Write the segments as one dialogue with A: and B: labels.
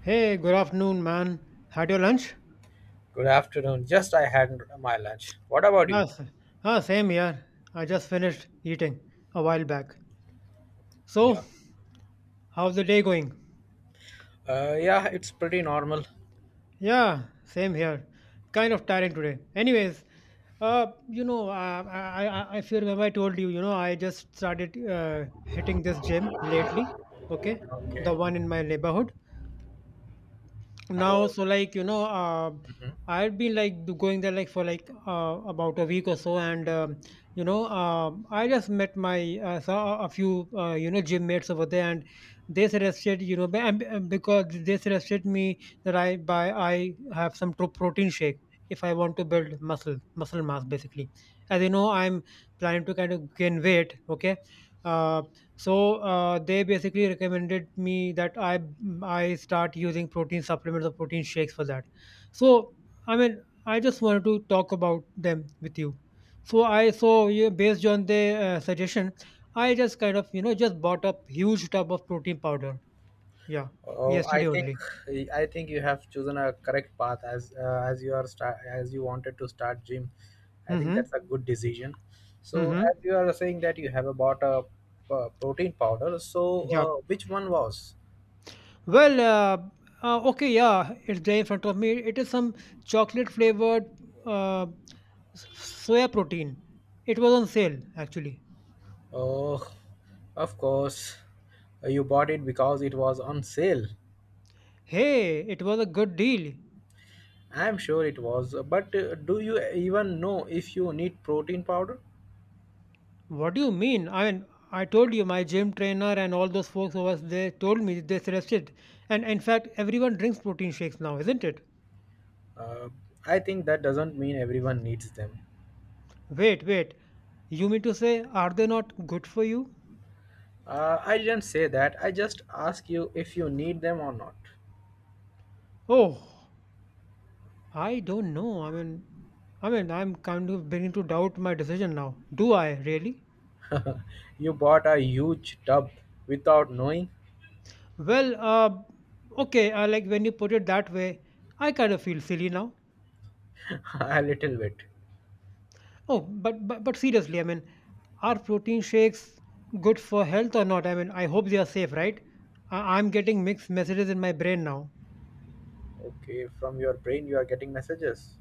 A: Hey, good afternoon, man. Had your lunch?
B: Good afternoon. Just I had my lunch. What about you?
A: Yes. Ah, same here. I just finished eating a while back.
B: Yeah.
A: So, how's the day going?
B: Yeah, it's pretty normal.
A: Yeah, same here. Kind of tiring today. Anyways, if you remember, I told you, I just started hitting this gym lately. Okay, the
B: Okay.
A: one in my neighborhood. now
B: Oh,
A: so like you know uh,
B: mhm.
A: I've been like going there, like, for, like, about a week or so. And I just met my saw a few, gym mates over there. And they suggested, you know be- and because they suggested me that I have some protein shake if I want to build muscle mass, basically. As you know, I'm planning to kind of gain weight. Okay. Uh, so uh, they basically recommended me that I start using protein supplements or protein shakes for that. So, I mean, I just wanted to talk about them with you. So, yeah, based on the suggestion, I just kind of just bought up huge tub of protein powder. Yeah,
B: Oh, I
A: yesterday
B: think
A: only.
B: I think you have chosen a correct path as as you wanted to start gym. I think
A: Mm-hmm.
B: that's a good decision. So
A: Mm-hmm.
B: as you are saying that you have bought a protein powder. So
A: Yeah.
B: which one was?
A: Well, okay, yeah, it's there in front of me. It is some chocolate flavored, uh, soya protein. It was on sale, actually.
B: Oh, of course, you bought it because it was on sale.
A: Hey, it was a good deal.
B: I'm sure it was, but do you even know if you need protein powder?
A: What do you mean? I mean, I told you, my gym trainer and all those folks over there told me, they suggested. And in fact, everyone drinks protein shakes now, isn't it?
B: Uh, I think that doesn't mean everyone needs them.
A: Wait, wait. You mean to say, are they not good for you?
B: I didn't say that, I just asked you if you need them or not.
A: Oh, I don't know. I mean, I'm kind of beginning to doubt my decision now. Do I really?
B: You bought a huge tub without knowing
A: Well, okay. Like, when you put it that way, I kind of feel silly now.
B: a little bit.
A: Oh, but seriously, I mean, are protein shakes good for health or not? I mean, I hope they are safe, right? I'm getting mixed messages in my brain now.
B: Okay, from your brain you are getting messages.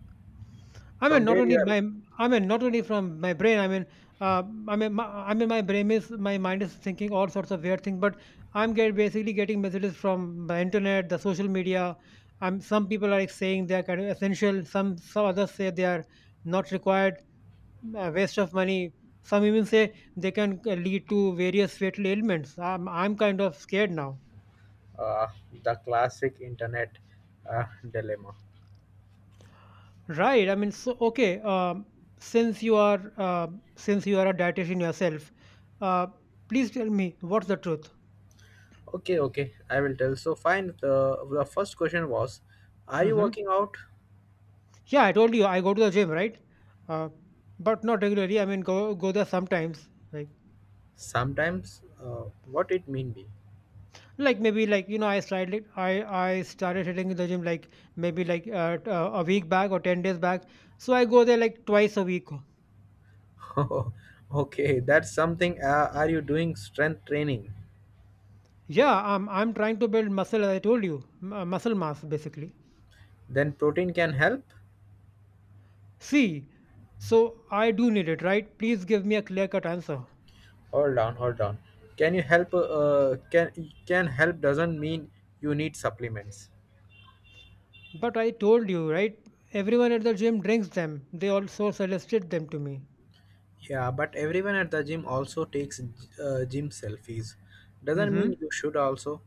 A: I
B: From
A: mean, not
B: where you
A: only
B: are?
A: my, I mean, not only from my brain. Uh, I mean, my brain is, my mind is thinking all sorts of weird things. But I'm get basically getting messages from the internet, the social media. Some people are like saying they are kind of essential. Some others say they are not required, a waste of money. Some even say they can lead to various fatal ailments. I'm kind of scared now.
B: Uh, the classic internet dilemma.
A: Right. I mean, so okay. Since you are uh, since you are a dietitian yourself, uh, please tell me what's the truth.
B: Okay, okay, I will tell. So, fine. The first question was, are you
A: Hmm.
B: working out?
A: Yeah, I told you I go to the gym, right? Uh, but not regularly. I mean, go there sometimes. Like
B: Sometimes, what it mean be?
A: like maybe, like, I started, I started hitting the gym, like, maybe, like, a week back or 10 days back. So I go there like twice a week.
B: Okay, that's something. Are you doing strength training?
A: Yeah, I'm trying to build muscle. As I told you, muscle mass basically.
B: Then protein can help.
A: See, so I do need it, right? Please give me a clear cut answer.
B: Hold on, hold on. Can you help? Can help doesn't mean you need supplements.
A: But I told you, right? Everyone at the gym drinks them. They also suggested them to me.
B: Yeah, but everyone at the gym also takes gym selfies. Doesn't mean you should also.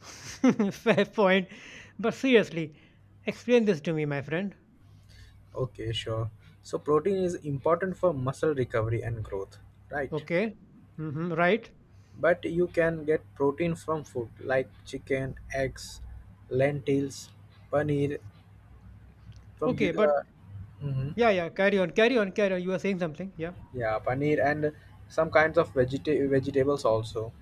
A: Mm-hmm. Fair point. But seriously, explain this to me, my friend.
B: Okay, sure. So protein is important for muscle recovery and growth, right?
A: Okay. Mm-hmm. Right.
B: But you can get protein from food like chicken, eggs, lentils, paneer from the
A: Okay, but
B: uh, mhm.
A: yeah, yeah, carry on, carry on, carry on. You are saying something. Yeah.
B: Yeah, paneer and some kinds of vegetables also.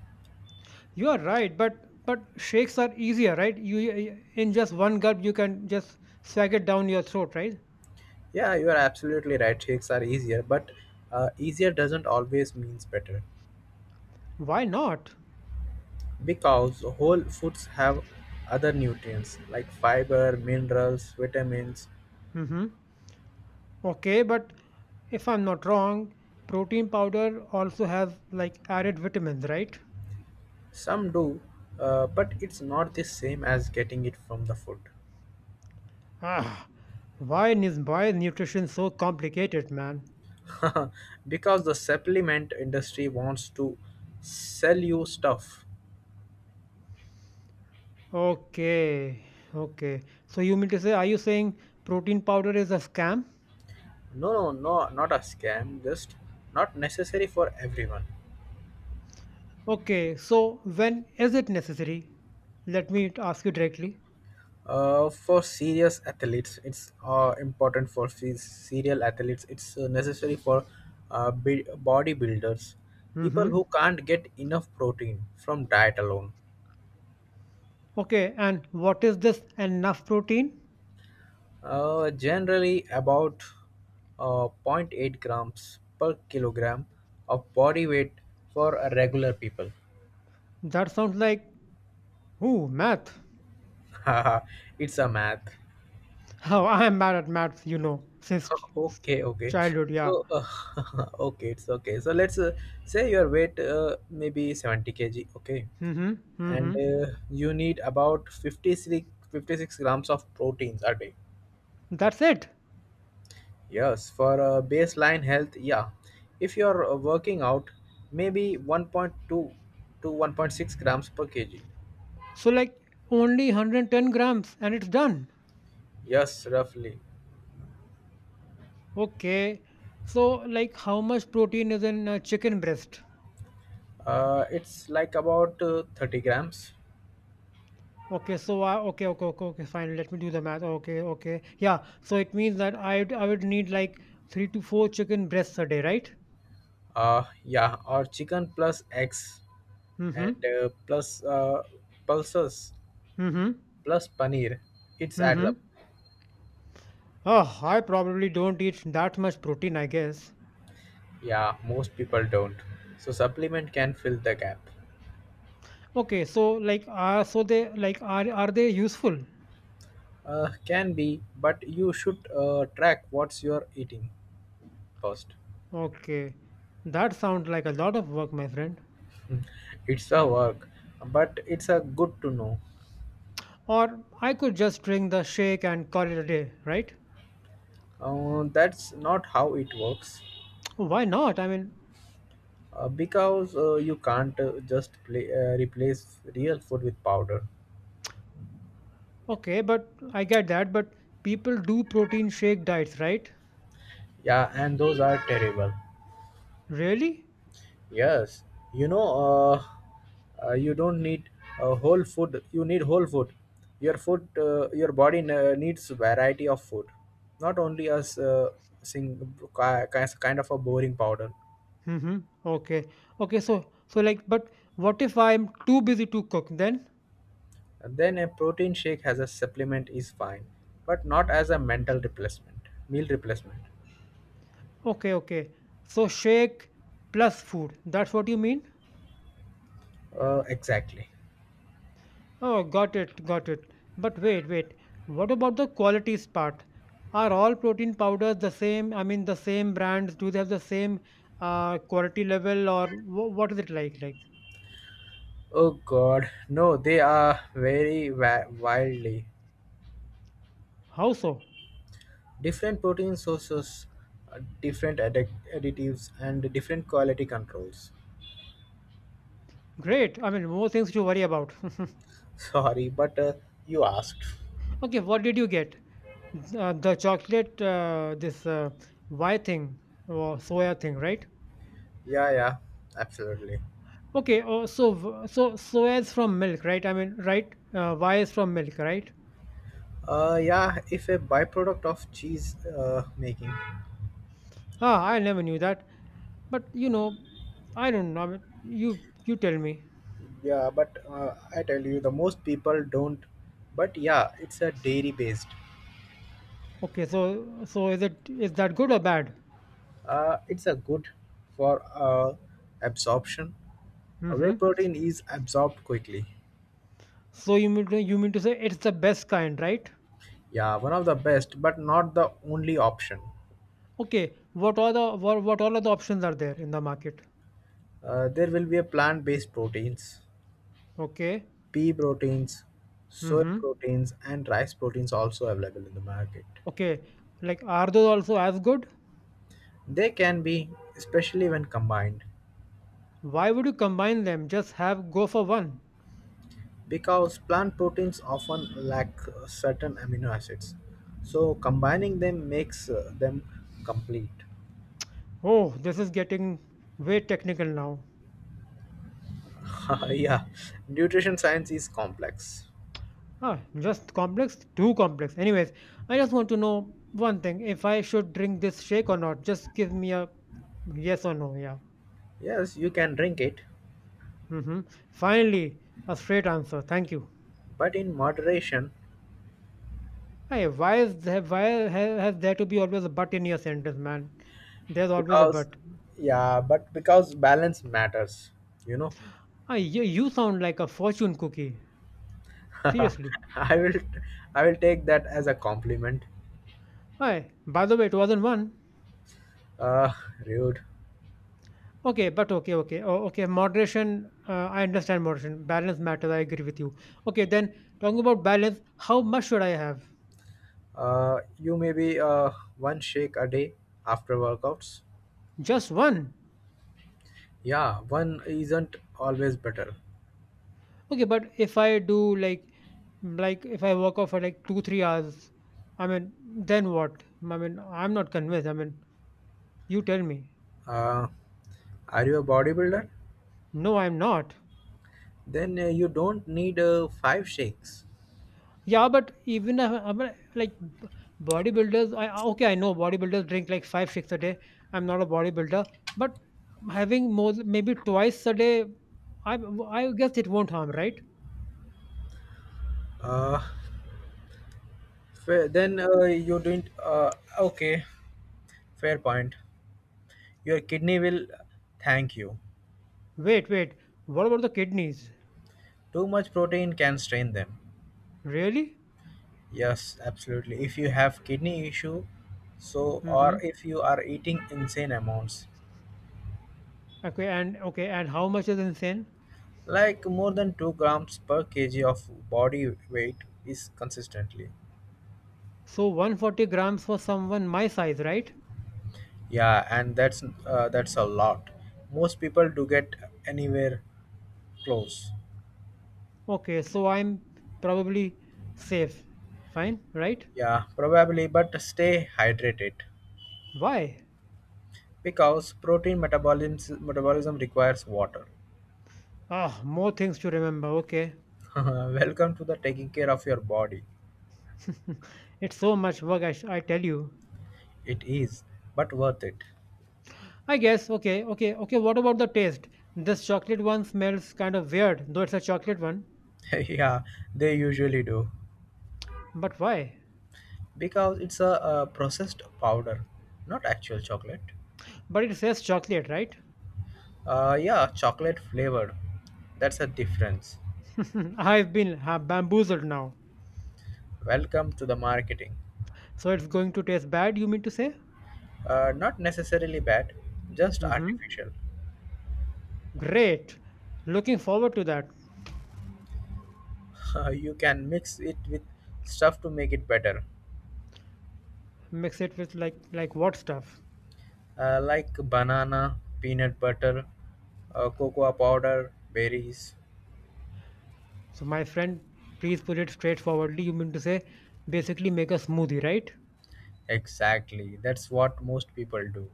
A: You are right, but shakes are easier, right? In just one gulp you can just swag it down your throat, right?
B: Yeah, you are absolutely right. Shakes are easier, but easier doesn't always means better
A: Why not?
B: because whole foods have other nutrients like fiber, minerals, vitamins.
A: Mm-hmm. Okay, but if I'm not wrong, protein powder also has like added vitamins, right?
B: Some do, but it's not the same as getting it from the food.
A: Ah, why is nutrition so complicated, man?
B: Because the supplement industry wants to sell you stuff.
A: Okay, okay. So you mean to say, are you saying protein powder is a scam?
B: No, no, no, not a scam, just not necessary for everyone.
A: Okay, so when is it necessary? Let me ask you directly.
B: For serious athletes, it's important for serial athletes, it's necessary for bodybuilders, people
A: Mm-hmm.
B: who can't get enough protein from diet alone.
A: Okay, and what is this enough protein?
B: Generally, about zero point 0.8 grams per kilogram of body weight for a regular people.
A: That sounds like, ooh, math.
B: It's a math.
A: Oh, I'm bad at maths, since
B: Okay, okay.
A: childhood. Yeah.
B: So, okay, it's okay. So let's say your weight maybe 70 kg, okay?
A: Mm-hmm.
B: And
A: Mm-hmm.
B: you need about 56 56 grams of proteins a day.
A: That's it.
B: Yes, for baseline health, yeah. If you're working out, maybe 1.2 to 1.6 grams per kg.
A: So, like, only 110 grams and it's done.
B: Yes, roughly.
A: Okay. So, like, how much protein is in a chicken breast?
B: It's like about 30 grams.
A: Okay, so I, okay, okay, okay, okay, fine. Let me do the math. Okay, okay, yeah. So it means that I would need like three to four chicken breasts a day, right?
B: Yeah, or chicken plus eggs and
A: Mm-hmm.
B: plus pulses
A: Mm-hmm.
B: plus paneer. It adds
A: Mm-hmm.
B: up.
A: Oh, I probably don't eat that much protein, I guess.
B: Yeah, most people don't. So supplement can fill the gap.
A: Okay, so, like, are they useful?
B: Can be, but you should track what's you're eating first.
A: Okay. That sounds like a lot of work, my friend.
B: It's a work, but it's a good to know.
A: Or I could just drink the shake and call it a day, right?
B: That's not how it works,
A: Why not? I mean,
B: because you can't replace real food with powder.
A: okay, but I get that, but people do protein shake diets, right?
B: Yeah, and those are terrible.
A: Really?
B: Yes, you know, uh, you don't need whole food. You need whole food. Your body needs variety of food, not only as sing kind of a boring powder.
A: Mm-hmm. Okay. Okay, so, like, but what if I'm too busy to cook then?
B: And then a protein shake as a supplement is fine, but not as a meal replacement.
A: Okay, okay. So, shake plus food. That's what you mean?
B: Exactly.
A: Oh, got it, got it. But wait, wait. What about the qualities part? Are all protein powders the same? I mean, the same brands? Do they have the same quality level, or what is it like? Like,
B: Oh God, no, they are very wildly
A: how so?
B: different protein sources, different additives, and different quality controls.
A: Great. I mean, more things to worry about.
B: Sorry, but you asked.
A: Okay, what did you get? The chocolate, this Y thing or soya thing, right?
B: Yeah, yeah, absolutely.
A: Okay. Oh, so soya is from milk, right? I mean, right? Y is from milk, right?
B: Yeah, if a byproduct of cheese making.
A: Ah, I never knew that. But you know, I don't know. I mean, you tell me.
B: Yeah, but I tell you, the most people don't. But yeah, it's a dairy based.
A: Okay, so, is that good or bad?
B: It's a good for absorption. Whey
A: Mm-hmm.
B: protein is absorbed quickly.
A: You mean to say it's the best kind, right?
B: Yeah, one of the best, but not the only option.
A: Okay. What all of the options are there in the market?
B: There will be a plant-based proteins,
A: Okay.
B: pea proteins, soy
A: Mm-hmm.
B: proteins, and rice proteins also available in the market.
A: Okay. Like, are those also as good?
B: They can be, especially when combined.
A: Why would you combine them? Just have go for one.
B: Because plant proteins often lack certain amino acids, so combining them makes them complete.
A: Oh, this is getting way technical now.
B: Yeah, nutrition science is complex.
A: Ah, just complex? Too complex. Anyways, I just want to know one thing, if I should drink this shake or not. Just give me a yes or no. Yeah.
B: Yes, you can drink it,
A: Mm-hmm. Finally, a straight answer. Thank you.
B: but in moderation.
A: Hey, why is there, why ha- has there to be always a but in your sentence, man? There's always a
B: because
A: but.
B: yeah but because balance matters you know
A: Ah, you sound like a fortune cookie. Seriously.
B: i will I will take that as a compliment.
A: Hi. By the way, it wasn't one.
B: uh Rude.
A: Okay, but okay. Moderation, I understand moderation. Balance matters. I agree with you. Okay, then talking about balance, how much should I have?
B: You maybe one shake a day after workouts.
A: Just one.
B: Yeah, one isn't always better.
A: Okay, but if I do, like, if I work out for like 2 3 hours, I mean, then what? I mean, I'm not convinced. I mean, you tell me.
B: Uh, are you a bodybuilder?
A: No, I'm not.
B: Then you don't need five shakes.
A: Yeah, but even if I'm like bodybuilders, okay, I know bodybuilders drink like five, six a day. I'm not a bodybuilder, but having more, maybe twice a day, I I guess it won't harm, right?
B: Uh, then, you didn't. Okay, fair point. Your kidney will thank you.
A: Wait, wait. What about the kidneys?
B: Too much protein can strain them.
A: Really?
B: Yes, absolutely. If you have kidney issue, so
A: Mm-hmm.
B: or if you are eating insane amounts,
A: Okay, and how much is insane?
B: like more than 2 grams per kg of body weight is consistently.
A: So, 140 grams for someone my size, right?
B: Yeah, and that's a lot. Most people do get anywhere close.
A: Okay, so I'm probably safe. Fine, right?
B: Yeah, probably, but stay hydrated
A: Why?
B: because protein metabolism requires water.
A: Ah, more things to remember. Okay.
B: Welcome to the taking care of your body.
A: It's so much work, I tell you.
B: It is, but worth it.
A: I guess, okay, what about the taste? This chocolate one smells kind of weird, though it's a chocolate one.
B: Yeah, they usually do.
A: But why?
B: Because it's a processed powder, not actual chocolate.
A: But it says chocolate, right?
B: Yeah, chocolate flavored. That's a difference.
A: I've been bamboozled now.
B: Welcome to the marketing.
A: So it's going to taste bad, you mean to say?
B: Not necessarily bad, just
A: Mm-hmm.
B: artificial.
A: Great. Looking forward to that.
B: You can mix it with stuff to make it better,
A: Mix it with, like, what stuff?
B: like banana, peanut butter, cocoa powder, berries.
A: So, my friend, please put it straightforwardly. You mean to say, basically make a smoothie, right?
B: Exactly, that's what most people do.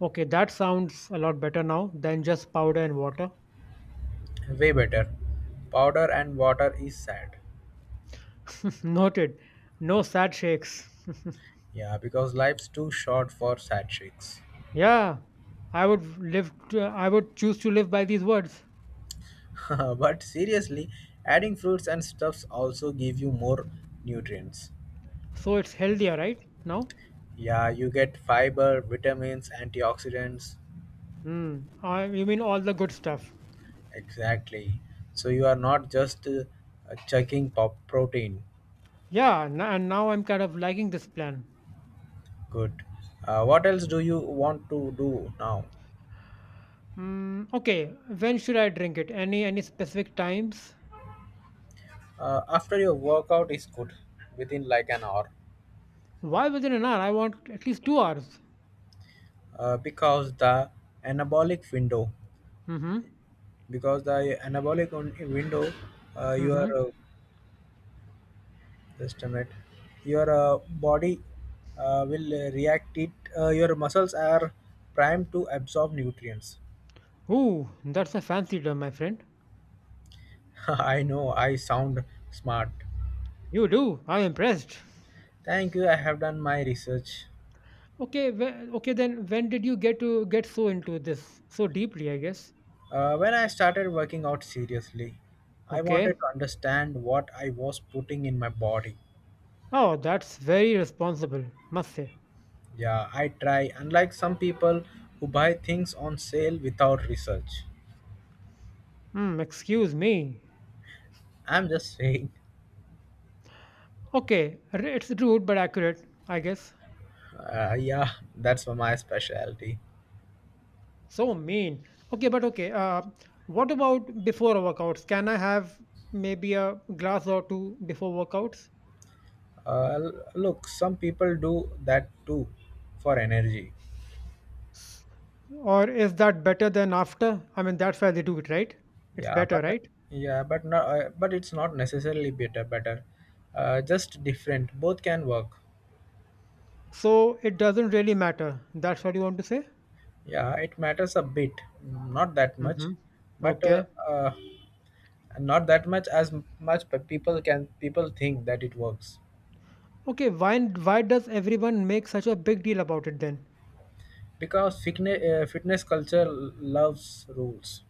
A: Okay, that sounds a lot better now than just powder and water.
B: Way better. Powder and water is sad.
A: Noted. No sad shakes.
B: Yeah, because life's too short for sad shakes.
A: Yeah, I would live. I would choose to live by these words.
B: But seriously, adding fruits and stuffs also give you more nutrients.
A: So it's healthier, right? Now,
B: Yeah, you get fiber, vitamins, antioxidants.
A: hmm. You mean all the good stuff?
B: Exactly. So you are not just checking pop protein.
A: Yeah, and now I'm kind of liking this plan.
B: Good. What else do you want to do now?
A: Hmm. Okay, when should I drink it? Any specific times?
B: After your workout is good, within like an hour.
A: Why within an hour? I want at least 2 hours.
B: uh, because the anabolic window,
A: Mm-hmm.
B: because the anabolic window, your
A: Mm-hmm.
B: just a minute, your body will react it. Your muscles are primed to absorb nutrients.
A: Ooh, that's a fancy term, my friend.
B: I know I sound smart.
A: You do. I'm impressed.
B: Thank you, I have done my research.
A: Okay, whe- okay then when did you get so into this so deeply, I guess?
B: When I started working out seriously, I wanted
A: Okay.
B: to understand what I was putting in my body.
A: Oh, that's very responsible, must say.
B: Yeah, I try, unlike some people who buy things on sale without research.
A: Hmm, excuse me.
B: I'm just saying,
A: Okay, it's rude but accurate, I guess.
B: yeah, that's my specialty.
A: So mean. Okay, but okay. What about before workouts? Can I have maybe a glass or two before workouts?
B: Look, some people do that too for energy.
A: Or is that better than after? I mean, that's why they do it, right? It's
B: Yeah,
A: better,
B: but uh,
A: right?
B: yeah, but it's not necessarily better. Better, just different. Both can work.
A: So it doesn't really matter. That's what you want to say?
B: Yeah, it matters a bit, not that much,
A: Mhm.
B: but
A: Okay.
B: uh, not that much as much people can people think that it works.
A: Okay, why does everyone make such a big deal about it then?
B: Because fitness culture loves rules.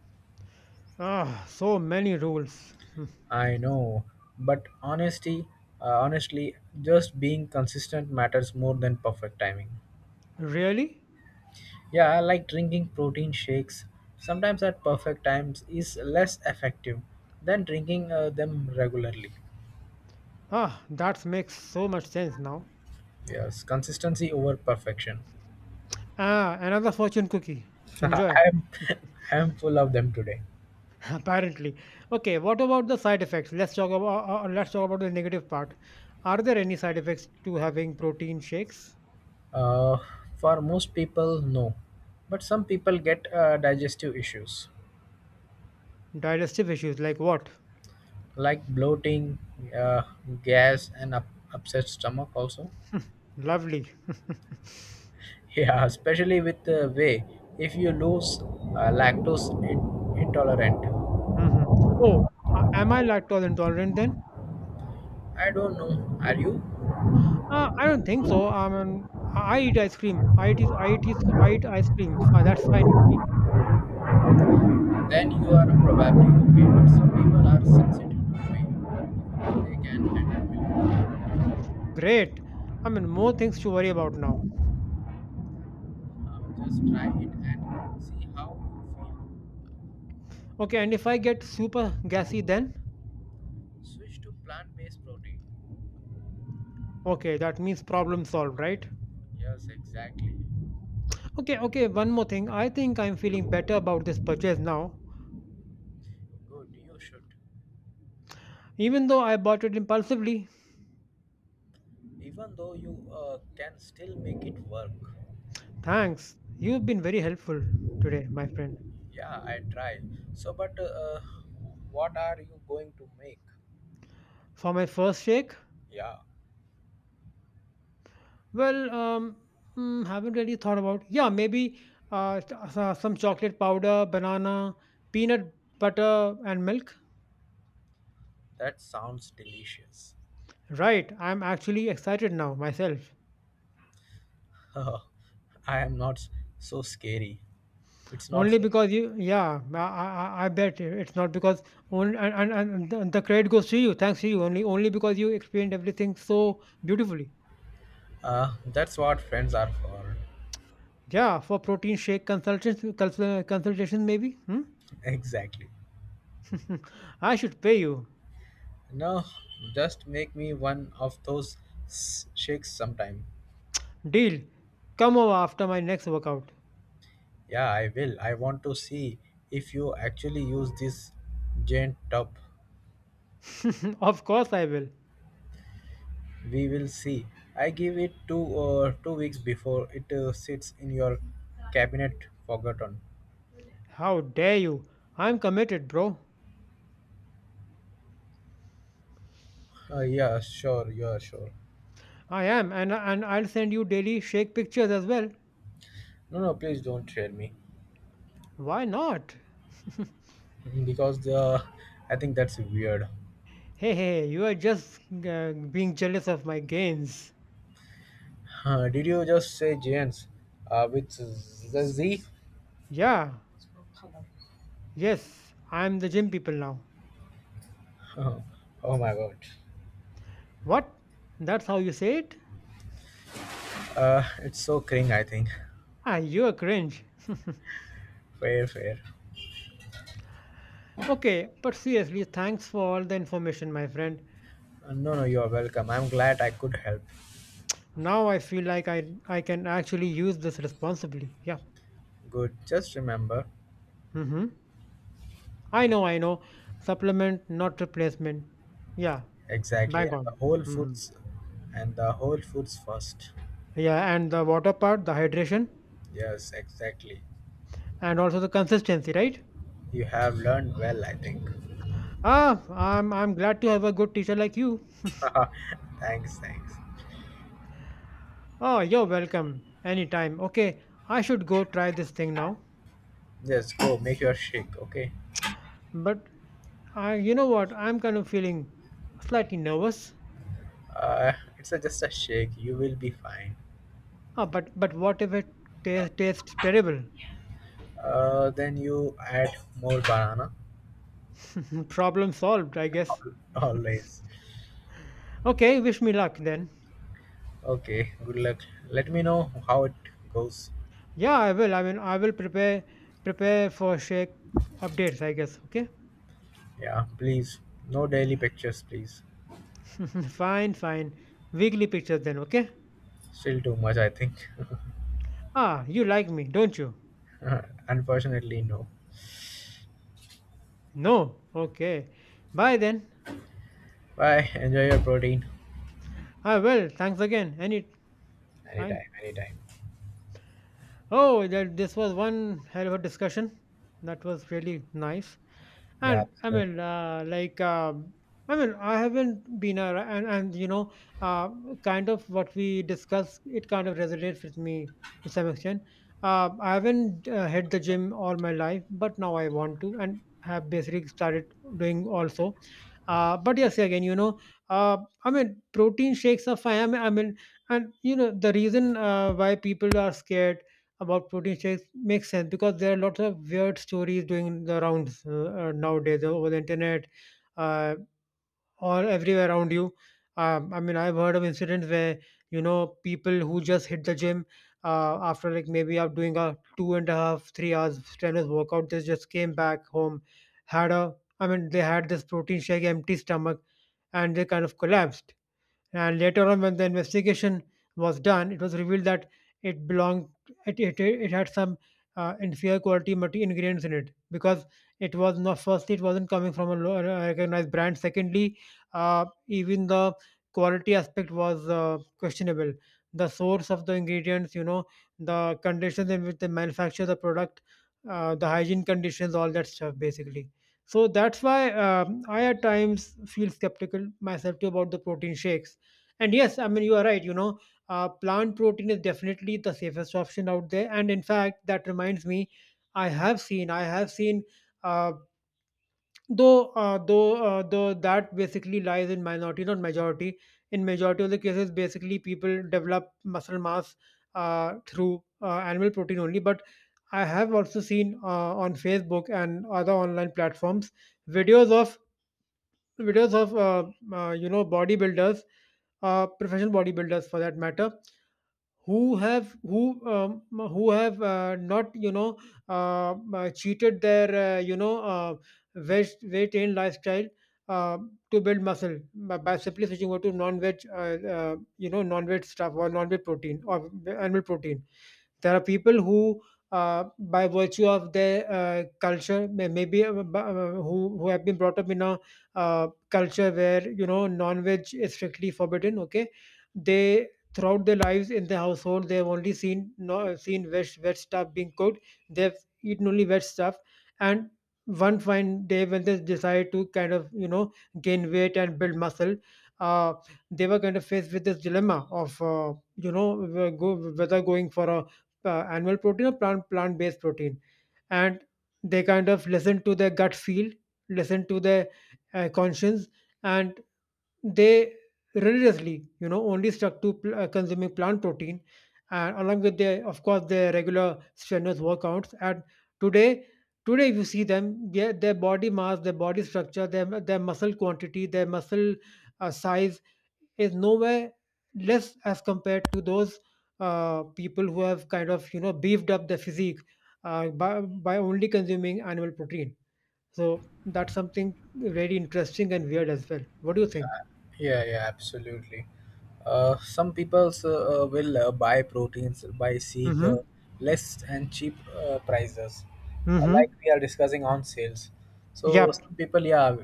A: Ah, so many rules. Hmm.
B: I know, but honestly, just being consistent matters more than perfect timing.
A: Really?
B: Yeah, I like drinking protein shakes. Sometimes at perfect times is less effective than drinking them regularly.
A: Ah, that makes so much sense now.
B: Yes, consistency over perfection.
A: Ah, another fortune cookie. Enjoy.
B: I'm I'm full of them today.
A: Apparently. Okay, what about the side effects? Let's talk about the negative part. Are there any side effects to having protein shakes?
B: Uh, for most people, no, but some people get digestive issues
A: Digestive issues like what?
B: like bloating, uh, gas, and upset stomach also.
A: Lovely.
B: Yeah, especially with the whey. If you lose lactose intolerant.
A: Hmm. Oh, am I lactose intolerant then?
B: I don't know. Are you?
A: I don't think so. I mean, I eat ice cream. I eat ice cream. That's fine with me.
B: Then you are probably okay. But some people are sensitive to whey. They can handle milk.
A: Great. I mean, more things to worry about now.
B: Just try it and see how you feel.
A: Okay, and if I get super gassy, then
B: Switch to plant based protein.
A: okay, that means problem solved, right?
B: Yes, exactly.
A: Okay, okay. One more thing. I think I'm feeling better about this purchase now,
B: Good, you should.
A: even though I bought it impulsively.
B: Even though you can still make it work.
A: Thanks. You've been very helpful today, my friend.
B: Yeah, I try. So, but what are you going to make?
A: For my first shake,
B: Yeah,
A: well, haven't really thought about. Yeah, maybe some chocolate powder, banana, peanut butter, and milk.
B: that sounds delicious.
A: Right, I'm actually excited now myself.
B: I am not s- So scary. It's not
A: Only
B: so
A: because
B: scary.
A: you, yeah, I bet it's not because only and the credit goes to you. Thanks to you, only, only because you explained everything so beautifully.
B: That's what friends are for.
A: Yeah, for protein shake consultations, consultations maybe. Hmm?
B: Exactly.
A: I should pay you.
B: No, just make me one of those shakes sometime.
A: Deal. Come over after my next workout.
B: Yeah, I will. I want to see if you actually use this giant tub.
A: Of course I will.
B: We will see. I give it 2 weeks before it sits in your cabinet forgotten.
A: How dare you? I'm committed, bro.
B: Yeah, sure. Yeah, sure.
A: I am, and I'll send you daily shake pictures as well.
B: No, no, please don't share me.
A: Why not?
B: Mm-hmm, because the I think that's weird.
A: Hey, hey, hey, you are just being jealous of my gains.
B: Did you just say giants with the Z?
A: Yeah, yes, I'm the gym people now.
B: Oh my god.
A: What? That's how you say it?
B: It's so cringe. I think.
A: Ah, you're cringe.
B: Fair, fair.
A: Okay, but seriously, thanks for all the information, my friend.
B: No, no, you are welcome. I'm glad I could help.
A: Now I feel like I can actually use this responsibly. Yeah.
B: Good. Just remember,
A: Mm-hmm. I know, I know. Supplement, not replacement. Yeah,
B: exactly,
A: bang
B: and the
A: on.
B: whole
A: Hmm.
B: foods and the whole foods first.
A: Yeah, and the water part, the hydration,
B: Yes, exactly.
A: and also the consistency, right?
B: You have learned well, I think.
A: Ah, I'm glad to have a good teacher like you.
B: Thanks, thanks.
A: Oh, you're welcome. Anytime. Okay, I should go try this thing now.
B: Just go make your shake, okay?
A: But I, you know what? I'm kind of feeling slightly nervous.
B: Uh, it's just a shake. You will be fine.
A: Ah, but what if it tastes terrible?
B: Then you add more banana.
A: Problem solved, I guess.
B: Always.
A: Okay, wish me luck then.
B: Okay. Good luck. Let me know how it goes.
A: Yeah, I will. I mean, I will prepare for Sheikh updates, I guess. Okay.
B: Yeah, please. No daily pictures, please.
A: Fine, fine. Weekly pictures then. Okay.
B: Still too much, I think.
A: Ah, you like me, don't you?
B: Unfortunately, no.
A: No. Okay. Bye then.
B: Bye. Enjoy your protein.
A: I will. Thanks again. Any fine.
B: Anytime, anytime.
A: Oh, that this was one hell of a discussion. That was really nice.
B: Yeah,
A: And I
B: absolutely.
A: mean, like, I mean, I haven't been a and you know, uh, kind of what we discuss, it kind of resonates with me to some extent. I haven't hit the gym all my life, but now I want to, and have basically started doing also. But yes, again, you know, uh, I mean, protein shakes are fine. And you know, the reason why people are scared about protein shakes makes sense because there are lots of weird stories doing the rounds nowadays over the internet, uh, or everywhere around you. I mean, I've heard of incidents where you know people who just hit the gym after like maybe up doing a 2.5, 3 hours strenuous workout, they just came back home, I mean, they had this protein shake, empty stomach, and they kind of collapsed, and later on, when the investigation was done, it was revealed that it belonged, it had some inferior quality ingredients in it because it was not, firstly, it wasn't coming from a a recognized brand. Secondly, even the quality aspect was questionable. The source of the ingredients, you know, the conditions in which they manufacture the product, the hygiene conditions, all that stuff, basically. So that's why I at times feel skeptical myself too about the protein shakes. And yes, I mean, you are right. You know, plant protein is definitely the safest option out there. And in fact, that reminds me, I have seen, uh, though that basically lies in minority, not majority. In majority of the cases, basically people develop muscle mass through animal protein only. But I have also seen on Facebook and other online platforms videos of you know, bodybuilders, professional bodybuilders for that matter, who have who um, who have not, you know, cheated their you know, weight in lifestyle uh, to build muscle by simply switching over to non-veg, you know, non-veg stuff or non-veg protein or animal protein. There are people who, by virtue of their culture, maybe who have been brought up in a uh, culture where you know non-veg is strictly forbidden. Okay, they throughout their lives in the household they have only seen no seen veg stuff being cooked. They've eaten only veg stuff, and one fine day when they decide to kind of, you know, gain weight and build muscle. Uh, they were kind of faced with this dilemma of, you know, whether going for a animal protein or plant based protein, and they kind of listen to their gut feel, listen to their conscience, and they religiously, you know, only stuck to consuming plant protein, and along with their, of course, their regular strenuous workouts, and today today if you see them, their body mass, their body structure, their muscle quantity, their muscle size is nowhere less as compared to those people who have kind of, you know, beefed up their physique by only consuming animal protein. So that's something very interesting and weird as well. What do you think?
B: Yeah, yeah, absolutely. Some people will buy proteins by seeing
A: Mm-hmm,
B: less and cheap prices,
A: mm-hmm.
B: like we are discussing on sales. So
A: Yep.
B: some people, yeah,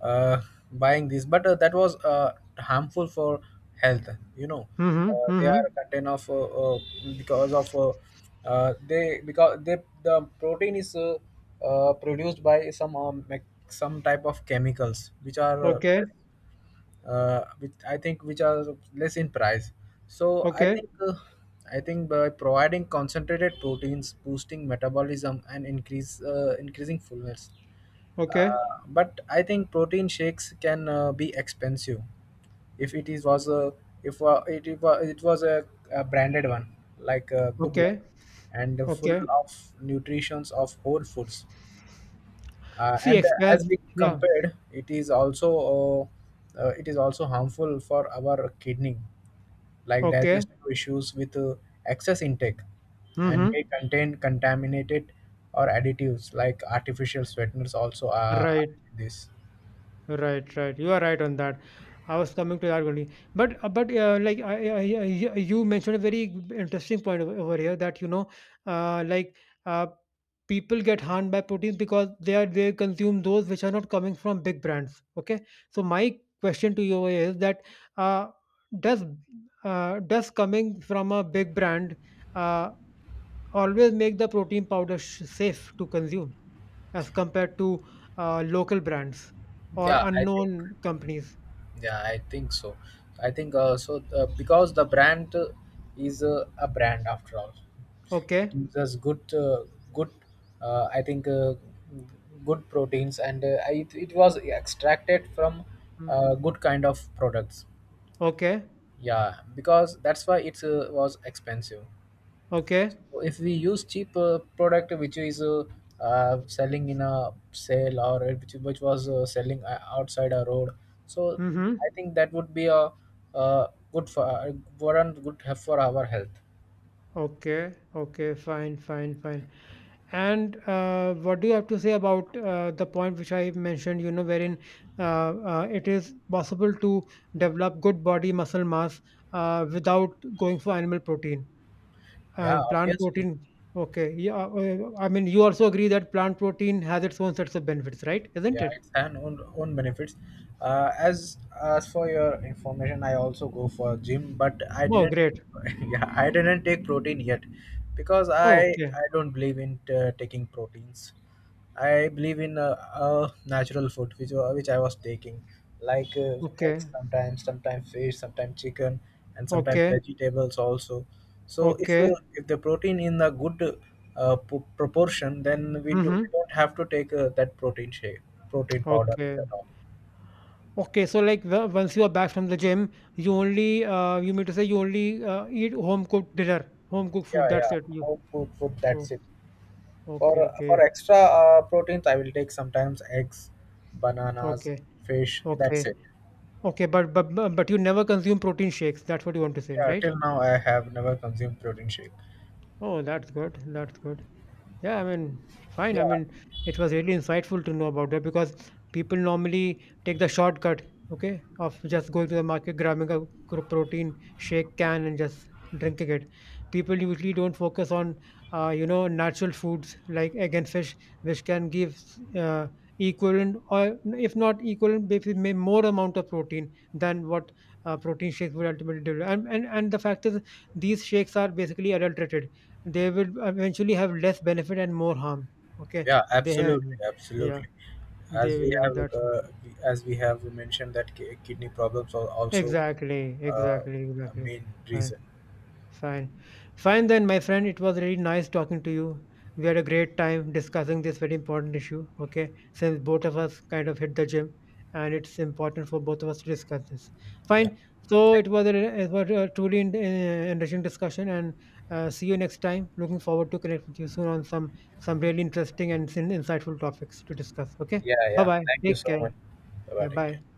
B: uh, buying this, but that was harmful for health. You know,
A: Mm-hmm,
B: they
A: mm-hmm.
B: are content of, uh, because of uh, because they the protein is produced by some some type of chemicals which are
A: Okay,
B: which I think which are less in price. So I
A: okay,
B: think uh, I think by providing concentrated proteins, boosting metabolism, and increase increasing fullness.
A: okay,
B: But I think protein shakes can be expensive if it is was a if it was a branded one like a good one
A: okay,
B: and full
A: okay.
B: of nutritions of whole foods,
A: See,
B: and
A: express.
B: as we
A: Yeah.
B: compared, it is also harmful for our kidney, like
A: Okay.
B: digestive issues with excess intake, and
A: Mm-hmm.
B: may contain contaminated or additives like artificial sweeteners also are
A: Right.
B: in this.
A: Right, right. You are right on that. I was coming to that only, but I, you mentioned a very interesting point over here that, you know, like uh, people get harmed by proteins because they consume those which are not coming from big brands. Okay, so my question to you is that uh, does does coming from a big brand uh, always make the protein powder safe to consume, as compared to local brands or
B: Yeah, I think.
A: unknown companies.
B: Yeah, I think so. I think because the brand is a brand after all. It
A: Okay.
B: gives us good good I think good proteins, and it was extracted from
A: Mm.
B: good kind of products.
A: Okay.
B: Yeah, because that's why it was expensive.
A: Okay.
B: If we use cheap product which is selling in a sale, or which was selling outside a road. So
A: Mm-hmm.
B: I think that would be uh good for not good have for our health.
A: Okay. Okay. Fine. Fine. Fine. And what do you have to say about the point which I mentioned? You know, wherein it is possible to develop good body muscle mass without going for animal protein
B: Yeah,
A: and plant
B: obviously.
A: protein. Okay. Yeah. I mean, you also agree that plant protein has its own sets of benefits, right? Isn't
B: Yeah,
A: it?
B: it's an own benefits. Uh, as as for your information, I also go for gym, but I
A: Oh,
B: didn't.
A: great.
B: Yeah, I didn't take protein yet because I
A: Okay,
B: I don't believe in taking proteins. I believe in natural food, which I was taking, like eggs
A: okay,
B: sometimes, sometimes fish, sometimes chicken, and sometimes
A: okay,
B: vegetables also. So if uh,
A: okay.
B: if the protein in a good proportion, then we
A: Mhm.
B: don't have to take that protein shake, protein powder at
A: Okay.
B: all.
A: Okay, so, like, the once you are back from the gym, you only, you mean to say you only, eat home cooked dinner, home cooked food,
B: Yeah, yeah.
A: that's it, you.
B: Whole food.
A: Oh,
B: That's it. For
A: okay,
B: for
A: okay,
B: extra proteins, I will take sometimes eggs, bananas,
A: okay,
B: fish. That's
A: okay,
B: it.
A: okay, but you never consume protein shakes, that's what you want to say,
B: Yeah.
A: right?
B: Till now, I have never consumed protein shake.
A: Oh, that's good, that's good. Yeah, I mean, fine.
B: Yeah.
A: I mean, it was really insightful to know about that because people normally take the shortcut, okay, of just going to the market, grabbing a protein shake can and just drinking it. People usually don't focus on, you know, natural foods like egg and fish, which can give uh, equivalent, or if not equivalent, maybe more amount of protein than what protein shakes would ultimately deliver. And, the fact is, these shakes are basically adulterated, they will eventually have less benefit and more harm. Okay,
B: Yeah,
A: they have,
B: absolutely,
A: yeah, yeah,
B: absolutely. As
A: they
B: we
A: yeah,
B: have
A: that's
B: uh, as we have mentioned that kidney problems are also
A: exactly,
B: uh,
A: exactly,
B: a
A: exactly.
B: main
A: Fine.
B: reason.
A: Fine. Fine then, my friend. It was really nice talking to you. We had a great time discussing this very important issue. Okay. Since both of us kind of hit the gym and it's important for both of us to discuss this.
B: Yeah.
A: Fine. So
B: Thank-
A: it was a, truly enriching discussion. And see you next time. Looking forward to connect with you soon on some really interesting and insightful topics to discuss. Okay.
B: Yeah,
A: Bye
B: yeah.
A: bye.
B: Thank you
A: Take
B: so much.
A: care.
B: Bye-bye.
A: Yeah.
B: Take
A: Bye.
B: care.